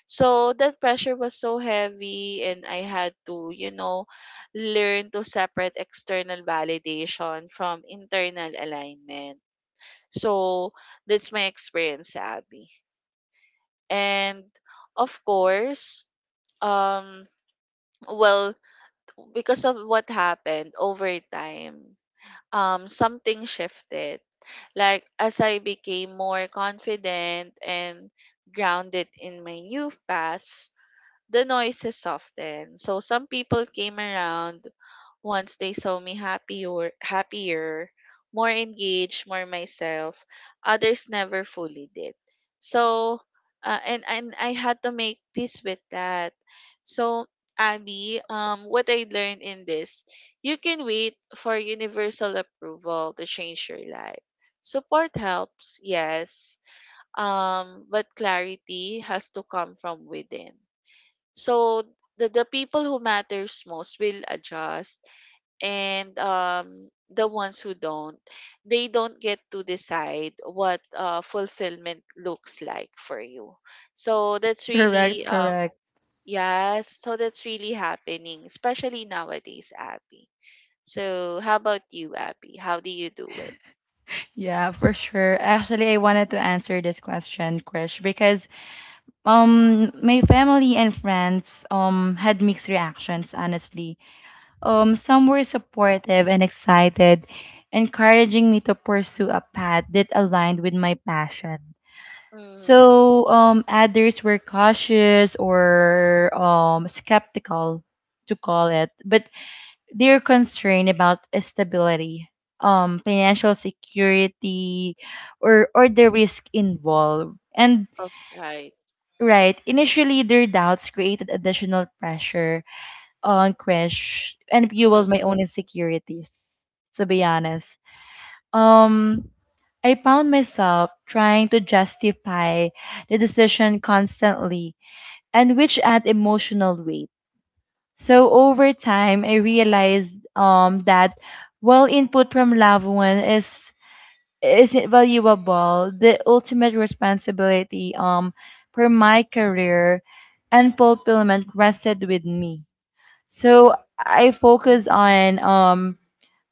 [SPEAKER 2] So that pressure was so heavy, and I had to learn to separate external validation from internal alignment. So that's my experience, Abby. And of course, um, well, because of what happened over time, something shifted. Like as I became more confident and grounded in my new path, the noises softened. So some people came around once they saw me happier, more engaged, more myself. Others never fully did. So, and I had to make peace with that. So, Abby, what I learned in this, you can wait for universal approval to change your life. Support helps, yes, but clarity has to come from within. So the people who matters most will adjust, and the ones who don't, they don't get to decide what fulfillment looks like for you. So that's really,
[SPEAKER 1] Correct, correct.
[SPEAKER 2] yes, so that's really happening, especially nowadays, Abby. So how about you, Abby? How do you do it?
[SPEAKER 1] Yeah, for sure. Actually, I wanted to answer this question, Krish, because my family and friends had mixed reactions, honestly. Some were supportive and excited, encouraging me to pursue a path that aligned with my passion.
[SPEAKER 2] Mm-hmm.
[SPEAKER 1] So, others were cautious or skeptical to call it, but they're concerned about stability, financial security, or the risk involved. And
[SPEAKER 2] Of right.
[SPEAKER 1] right, initially their doubts created additional pressure on crash and
[SPEAKER 2] Mm-hmm.
[SPEAKER 1] fueled my own insecurities. To be honest, um, I found myself trying to justify the decision constantly, and which add emotional weight. So over time, I realized that while input from loved one is isn't valuable, the ultimate responsibility for my career and fulfillment rested with me. So I focus on um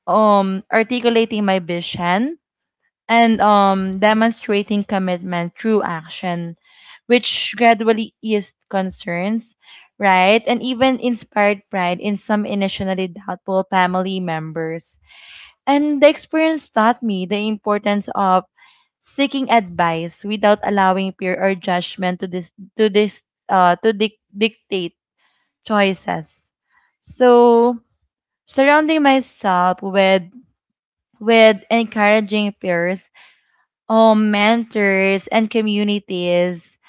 [SPEAKER 1] um articulating my vision and, demonstrating commitment through action, which gradually eased concerns, right? And even inspired pride in some initially doubtful family members. And the experience taught me the importance of seeking advice without allowing fear or judgment to this to dictate choices. So surrounding myself with encouraging peers, mentors and communities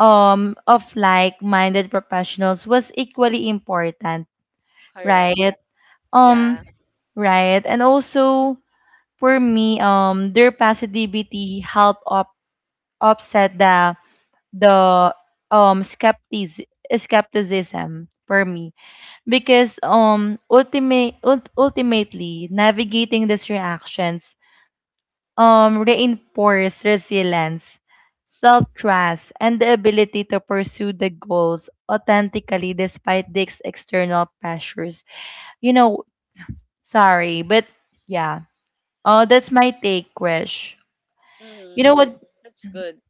[SPEAKER 1] of like-minded professionals was equally important,
[SPEAKER 2] Correct.
[SPEAKER 1] right?
[SPEAKER 2] Yeah.
[SPEAKER 1] Um right. And also for me, their positivity helped up offset the skepticism, for me, because ultimately navigating these reactions, reinforce resilience, self trust, and the ability to pursue the goals authentically despite these external pressures. You know, sorry, but yeah. Oh, that's my take, Krish. You know
[SPEAKER 2] Mm-hmm.
[SPEAKER 1] what?
[SPEAKER 2] That's good.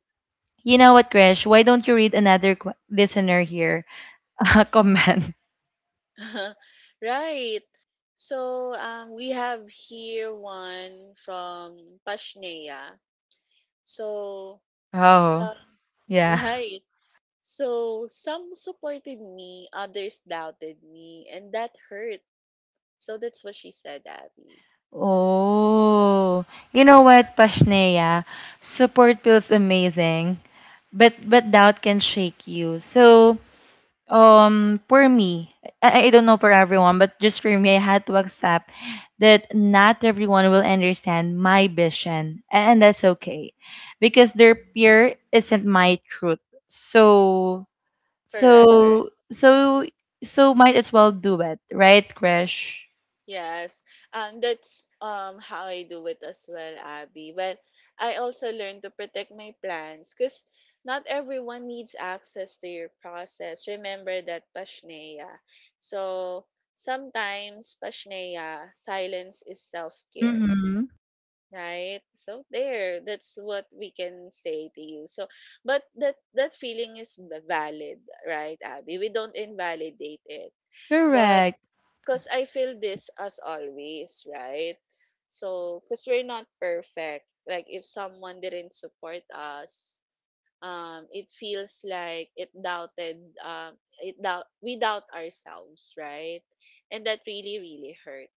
[SPEAKER 1] You know what, Krish? Why don't you read another listener here comment?
[SPEAKER 2] Right. So we have here one from Pashnea. So,
[SPEAKER 1] Oh,
[SPEAKER 2] um,
[SPEAKER 1] yeah.
[SPEAKER 2] right. So, some supported me, others doubted me, and that hurt. So, that's what she said, Abby.
[SPEAKER 1] Oh, you know what, Pashneya? Support feels amazing, but doubt can shake you. So for me, I don't know for everyone, but just for me, I had to accept that not everyone will understand my vision, and that's okay because their fear isn't my truth. so
[SPEAKER 2] Correct, correct.
[SPEAKER 1] so so so might as well do it right, Krish.
[SPEAKER 2] Yes. That's how I do it as well, Abby. Well, I also learned to protect my plans, because not everyone needs access to your process. Remember that, Pashneya. So sometimes, Pashneya, silence is self-care.
[SPEAKER 1] Mm-hmm.
[SPEAKER 2] Right. So there, that's what we can say to you. So but that feeling is valid, right, Abby? We don't invalidate it. But
[SPEAKER 1] Correct.
[SPEAKER 2] because I feel this as always, right? So because we're not perfect, like if someone didn't support us, it feels like it doubted um it doubt we doubt ourselves, right? And that really, really hurts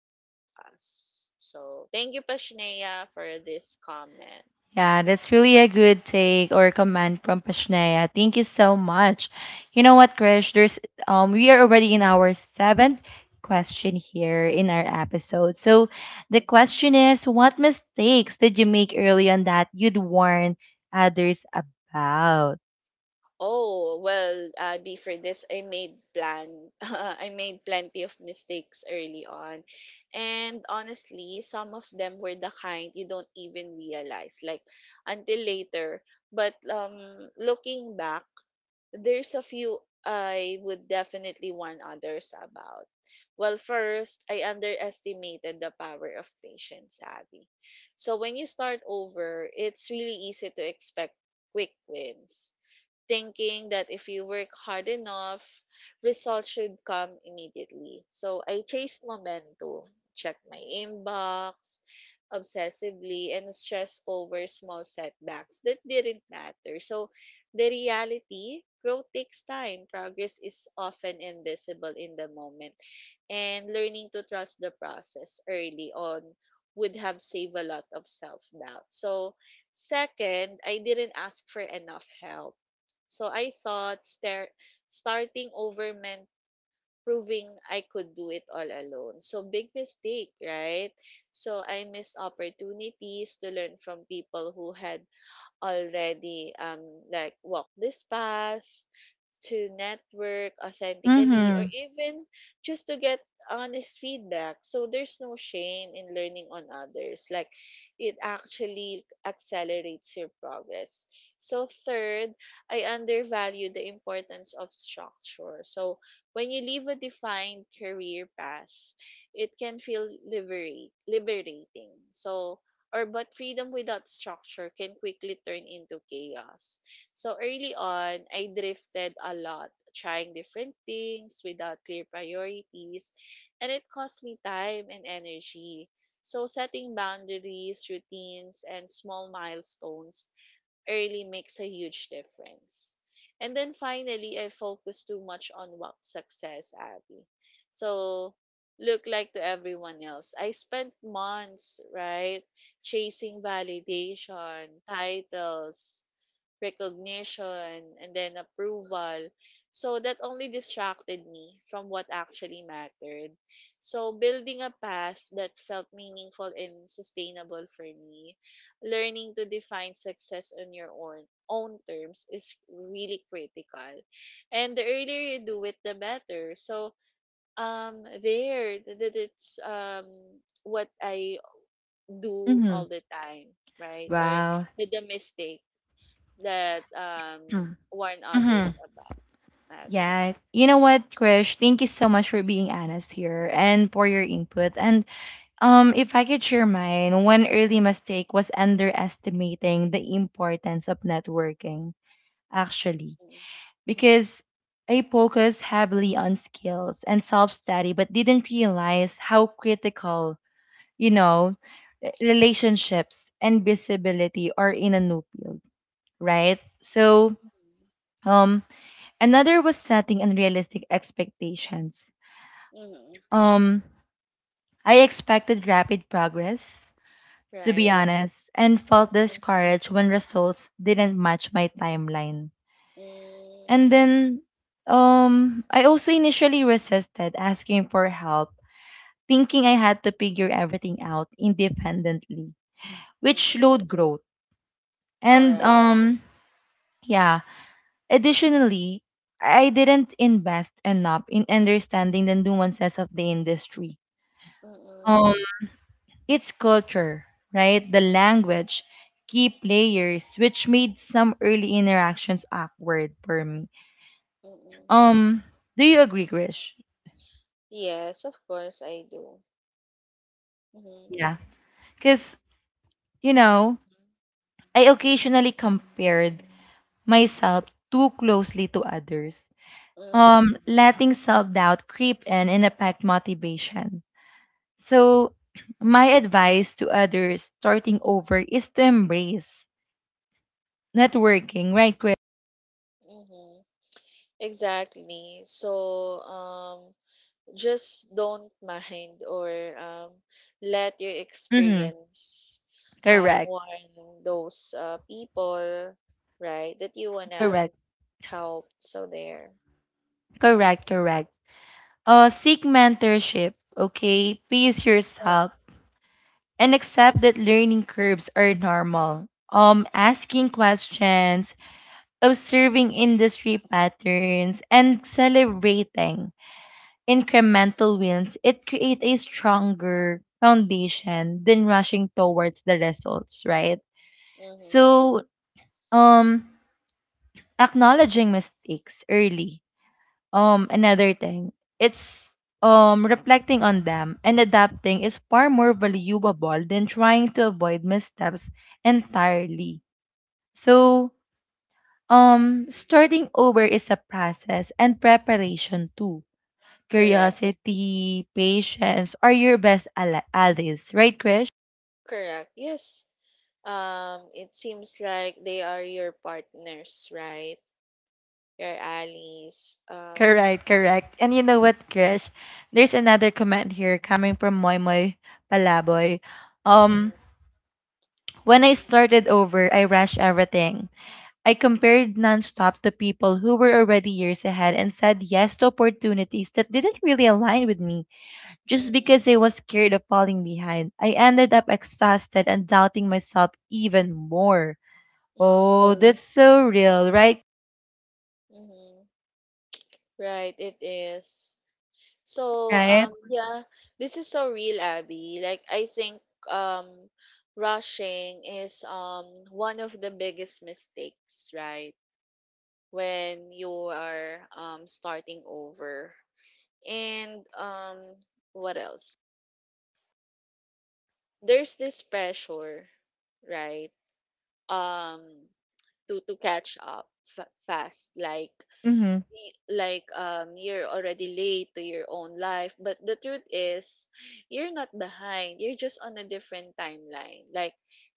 [SPEAKER 2] us. So, thank you, Pashnea, for this comment.
[SPEAKER 1] Yeah, that's really a good take or comment from Pashnea. Thank you so much. You know what, Krish? There's we are already in our seventh question here in our episode. So the
[SPEAKER 2] Mhm.
[SPEAKER 1] question is, what mistakes did you make early on that you'd warn others about?
[SPEAKER 2] Oh, well, B, for this, I made plan. I made plenty of mistakes early on. And honestly, some of them were the kind you don't even realize, like until later. But looking back, there's a few I would definitely warn others about. Well, first, I underestimated the power of patience, Abby. So when you start over, it's really easy to expect quick wins, thinking that if you work hard enough, results should come immediately. So I chased momentum, checked my inbox obsessively, and stressed over small setbacks that didn't matter. So the reality, growth takes time, progress is often invisible in the moment, and learning to trust the process early on would have saved a lot of self doubt. So, second, I didn't ask for enough help, so I thought starting over meant proving I could do it all alone. So big mistake, right? So I missed opportunities to learn from people who had already like walked this path, to network authentically, or
[SPEAKER 1] Mm-hmm.
[SPEAKER 2] even just to get honest feedback. So there's no shame in learning on others. Like it actually accelerates your progress. So third, I undervalue the importance of structure. So when you leave a defined career path, it can feel liberating. So or but freedom without structure can quickly turn into chaos. So early on, I drifted a lot, trying different things without clear priorities, and it cost me time and energy. So setting boundaries, routines, and small milestones early makes a huge difference. And then finally, I focused too much on what success, Abby. So Look like to everyone else. I spent months, right, chasing validation, titles, recognition, and then approval. So that only distracted me from what actually mattered. So building a path that felt meaningful and sustainable for me, learning to define success on your own terms is really critical. And the earlier you do it, the better. So there th- that it's What I do
[SPEAKER 1] Mm-hmm.
[SPEAKER 2] all the time, right? Or
[SPEAKER 1] Wow.
[SPEAKER 2] the mistake that, warn others
[SPEAKER 1] Mm-hmm.
[SPEAKER 2] about, Abby.
[SPEAKER 1] Yeah. You know what, Krish? Thank you so much for being honest here and for your input. And if I could share mine, one early mistake was underestimating the importance of networking, actually,
[SPEAKER 2] Mm.
[SPEAKER 1] because I focused heavily on skills and self-study, but didn't realize how critical, you know, relationships and visibility are in a new field, right? So,
[SPEAKER 2] Mhm.
[SPEAKER 1] um, another was setting unrealistic expectations.
[SPEAKER 2] Mhm.
[SPEAKER 1] Um, I expected rapid progress, to be
[SPEAKER 2] Right?
[SPEAKER 1] honest, and felt
[SPEAKER 2] Mhm.
[SPEAKER 1] discouraged when results didn't match my timeline.
[SPEAKER 2] Mm.
[SPEAKER 1] And then I also initially resisted asking for help, thinking I had to figure everything out independently, which
[SPEAKER 2] Mhm.
[SPEAKER 1] slowed growth.
[SPEAKER 2] All
[SPEAKER 1] And
[SPEAKER 2] right.
[SPEAKER 1] yeah, additionally, I didn't invest enough in understanding the nuances of the industry.
[SPEAKER 2] Mm-mm,
[SPEAKER 1] Um, Its culture, right? The language, key players, which made some early interactions awkward for me.
[SPEAKER 2] mm-mm.
[SPEAKER 1] Um, do you agree, Grish?
[SPEAKER 2] Yes, of course I do. Mhm,
[SPEAKER 1] Yeah. Because, you know, I occasionally compared myself too closely to others,
[SPEAKER 2] hmm
[SPEAKER 1] letting self doubt creep in and affect motivation. So, my advice to others starting over is to embrace networking, right, Grish?
[SPEAKER 2] mhm, exactly. So, just don't mind or let your
[SPEAKER 1] Mm-hmm.
[SPEAKER 2] experience
[SPEAKER 1] Correct.
[SPEAKER 2] warn those people, right, that you wanna
[SPEAKER 1] Correct.
[SPEAKER 2] help. So there.
[SPEAKER 1] Correct, correct. Seek mentorship, okay? Pace
[SPEAKER 2] Yeah.
[SPEAKER 1] yourself and accept that learning curves are normal. Asking questions, observing industry patterns, and celebrating incremental wins, it creates a stronger foundation than rushing towards the results, right?
[SPEAKER 2] Mm-hmm.
[SPEAKER 1] So, um, acknowledging mistakes early. Another thing, it's reflecting on them and adapting is far more valuable than trying to avoid missteps entirely. So, starting over is a process and preparation too.
[SPEAKER 2] Correct.
[SPEAKER 1] Curiosity, patience are your allies, right, Krish?
[SPEAKER 2] Correct. Yes. It seems like they are your partners, right? Your allies.
[SPEAKER 1] Correct, correct. And you know what, Krish? There's another comment here coming from Moy Moy Palaboy. Um,
[SPEAKER 2] Mm-hmm,
[SPEAKER 1] when I started over, I rushed everything. I compared nonstop to people who were already years ahead and said yes to opportunities that didn't really align with me just because I was scared of falling behind. I ended up exhausted and doubting myself even more.
[SPEAKER 2] mm-hmm,
[SPEAKER 1] Oh. Mm. That's so real, right?
[SPEAKER 2] mm-hmm. Right, it is. So,
[SPEAKER 1] Right?
[SPEAKER 2] yeah, this is so real, Abby. Like, I think um, rushing is one of the biggest mistakes, right? When you are starting over. And what else? There's this pressure, right? Um, to catch up fast, like
[SPEAKER 1] Mm-hmm.
[SPEAKER 2] like you're already late to your own life, but the truth is you're not behind, you're just on a different timeline. Like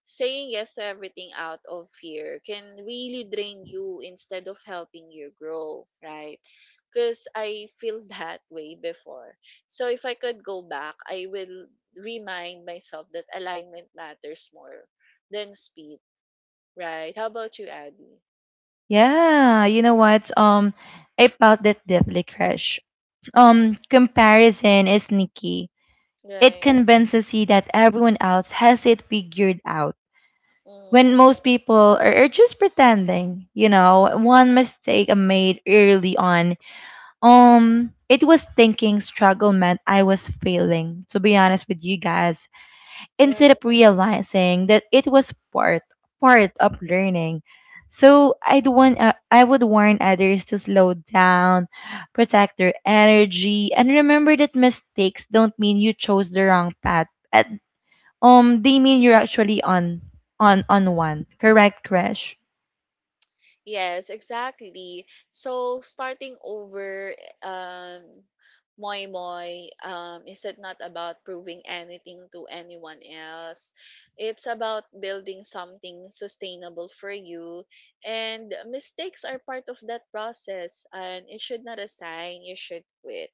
[SPEAKER 2] saying yes to everything out of fear can really drain you instead of helping you grow, right? Because I feel that way before. So if I could go back, I will remind myself that alignment matters more than speed, right? How about you, Abby?
[SPEAKER 1] Yeah, you know what? I felt that deeply, crush.
[SPEAKER 2] Mhm.
[SPEAKER 1] Comparison is sneaky. It
[SPEAKER 2] Right.
[SPEAKER 1] convinces you that everyone else has it figured out when
[SPEAKER 2] Mm.
[SPEAKER 1] most people are just pretending. You know, one mistake I made early on, it was thinking struggle meant I was failing, to be honest with you guys, instead
[SPEAKER 2] Yeah.
[SPEAKER 1] of realizing that it was part of learning. So I would warn others to slow down, protect their energy, and remember that mistakes don't mean you chose the wrong path at They mean you're actually on one. Correct, crash.
[SPEAKER 2] Yes, exactly. So starting over, um, Moy Moy, is it not about proving anything to anyone else? It's about building something sustainable for you. And mistakes are part of that process, and you should not assign, you should quit.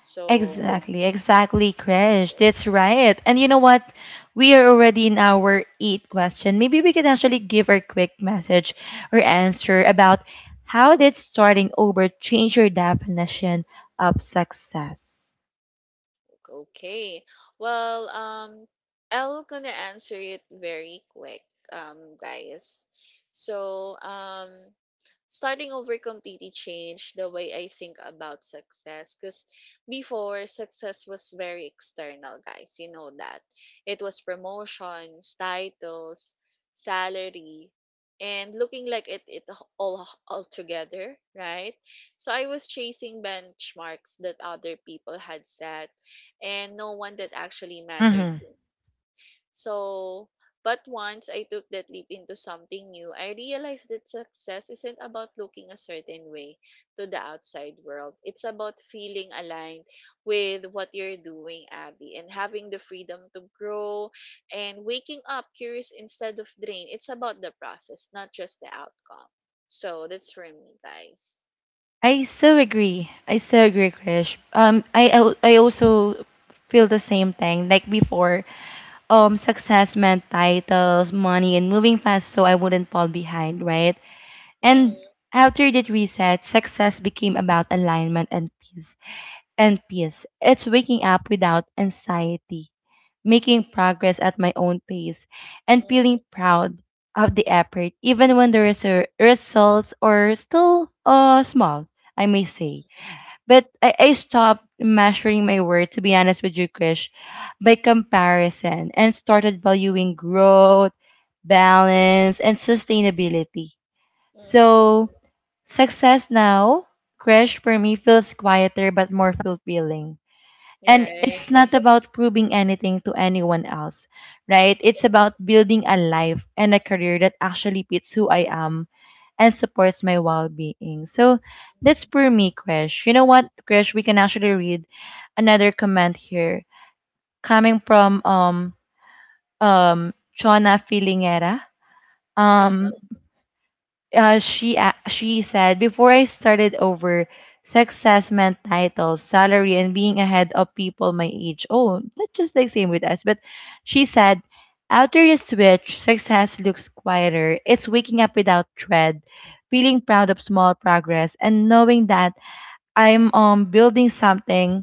[SPEAKER 2] So
[SPEAKER 1] Exactly, exactly, crash. That's right. And you know what? We are already in our eighth question. Maybe we can actually give a quick message or answer about how did starting over change your definition of success?
[SPEAKER 2] okay. Well, I'll gonna answer it very quick, guys. So, starting over completely changed the way I think about success. Cause before, success was very external, guys. You know that it was promotions, titles, salary, and looking like it all together, right? So I was chasing benchmarks that other people had set and no one that actually mattered
[SPEAKER 1] Mm-hmm.
[SPEAKER 2] to me. So, but once I took that leap into something new, I realized that success isn't about looking a certain way to the outside world. It's about feeling aligned with what you're doing, Abby, and having the freedom to grow and waking up curious instead of drained. It's about the process, not just the outcome. So that's for me, guys.
[SPEAKER 1] I so agree. I so agree, Krish. I also feel the same thing. Like before, success meant titles, money, and moving fast, so I wouldn't fall behind, right? And
[SPEAKER 2] Mm-hmm,
[SPEAKER 1] after that reset, success became about alignment and peace. And peace. It's waking up without anxiety, making progress at my own pace, and
[SPEAKER 2] mm-hmm,
[SPEAKER 1] feeling proud of the effort, even when the results are still small. I may say. But I stopped measuring my worth, to be honest with you, Krish, by comparison, and started valuing growth, balance, and sustainability.
[SPEAKER 2] mm-hmm.
[SPEAKER 1] So, success now, Krish, for me feels quieter but more fulfilling. And it's
[SPEAKER 2] Right.
[SPEAKER 1] not about proving anything to anyone else, right? It's
[SPEAKER 2] Mm-hmm.
[SPEAKER 1] about building a life and a career that actually fits who I am and supports my well being. So that's for me, Krish. You know what, Krish? We can actually read another comment here coming from Chona Filingera. Um she she said before I started over success meant titles, salary, and being ahead of people my age. Oh, that's just the same with us. But she said after the switch, success looks quieter. It's waking up without dread, feeling proud of small progress, and knowing that I'm building something.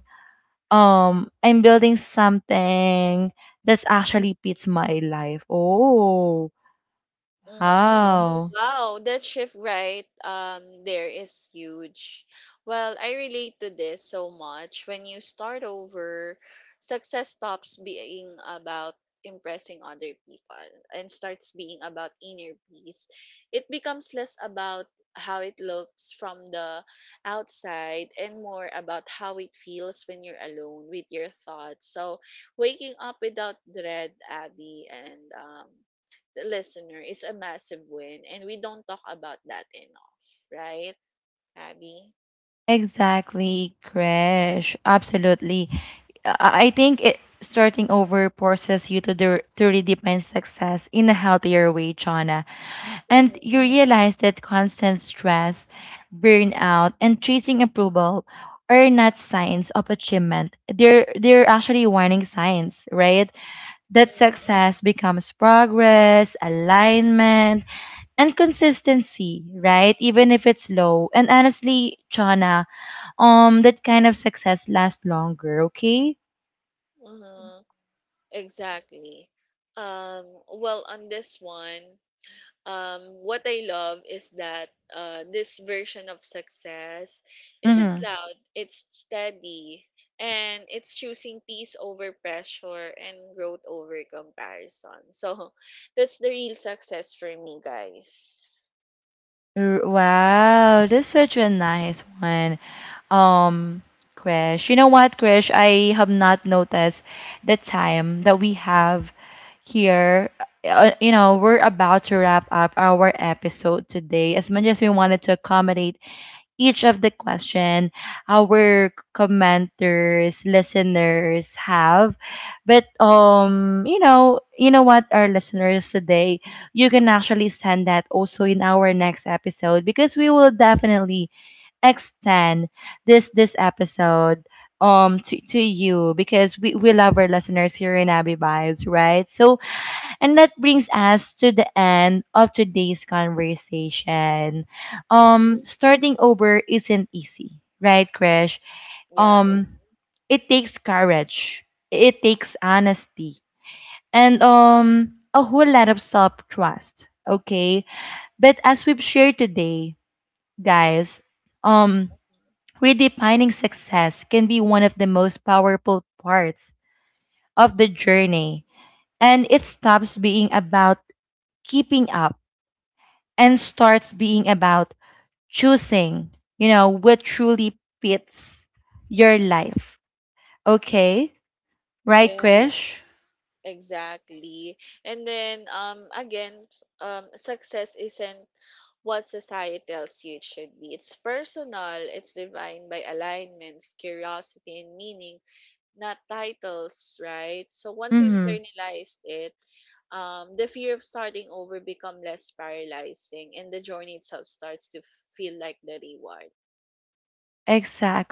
[SPEAKER 1] I'm building something that's actually fits my life. Oh.
[SPEAKER 2] Mm-hmm.
[SPEAKER 1] Wow. Wow.
[SPEAKER 2] Wow, that shift, right, there is huge. Well, I relate to this so much. When you start over, success stops being about impressing other people and starts being about inner peace. It becomes less about how it looks from the outside and more about how it feels when you're alone with your thoughts. So, waking up without dread, Abby, and the listener is a massive win, and we don't talk about that enough, right, Abby?
[SPEAKER 1] Exactly, crash. Absolutely. I think it starting over forces you to redefine success in a healthier way, Chana. And
[SPEAKER 2] Mm-hmm.
[SPEAKER 1] you realize that constant stress, burnout, and chasing approval are not signs of achievement. They're actually warning signs, right? That success becomes progress, alignment, and consistency, right? Even if it's low. And honestly, Chana, that kind of success lasts longer, okay?
[SPEAKER 2] Mm-hmm. Exactly. Um, well, on this one, what I love is that this version of success isn't
[SPEAKER 1] Mhm.
[SPEAKER 2] loud, it's steady, and it's choosing peace over pressure and growth over comparison. So that's the real success for me, guys.
[SPEAKER 1] R- Wow, that's such a nice one. Um, you know what, Krish? I have not noticed the time that we have here. You know, we're about to wrap up our episode today. As much as we wanted to accommodate each of the question our commenters, listeners have. But you know what, our listeners today, you can actually send that also in our next episode because we will definitely extend this episode to you because we love our listeners here in Abby Vibes, right? So and that brings us to the end of today's conversation.
[SPEAKER 2] Mm-hmm.
[SPEAKER 1] Starting over isn't easy, right, Krish?
[SPEAKER 2] Yeah.
[SPEAKER 1] Um it takes courage. It takes honesty and a whole lot of self-trust, okay? But as we've shared today, guys, um redefining success can be one of the most powerful parts of the journey, and it stops being about keeping up and starts being about choosing, you know, what truly fits your life. Okay? Right,
[SPEAKER 2] Yeah.
[SPEAKER 1] Krish?
[SPEAKER 2] Exactly. And then again, success isn't what society tells you it should be. It's personal, it's defined by alignments, curiosity and meaning, not titles, right? So once you
[SPEAKER 1] Mm hmm.
[SPEAKER 2] internalize it, the fear of starting over become less paralyzing and the journey itself starts to feel like the reward.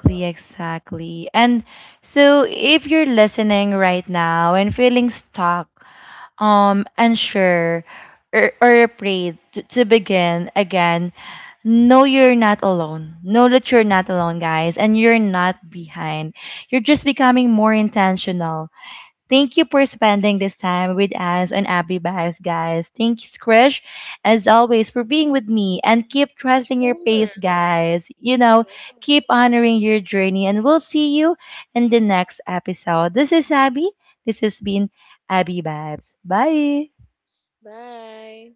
[SPEAKER 2] So
[SPEAKER 1] exactly. And so if you're listening right now and feeling stuck, unsure, or afraid to begin again, know you're not alone. Know that you're not alone, guys, and you're not behind. You're just becoming more intentional. Thank you for spending this time with us on Abby Vibes, guys. Thanks, Krish, as always, for being with me. And keep trusting your
[SPEAKER 2] sure.
[SPEAKER 1] pace, guys. You know,
[SPEAKER 2] Uh,
[SPEAKER 1] keep honoring your journey. And we'll see you in the next episode. This is Abby. This has been Abby Vibes. Bye.
[SPEAKER 2] bye.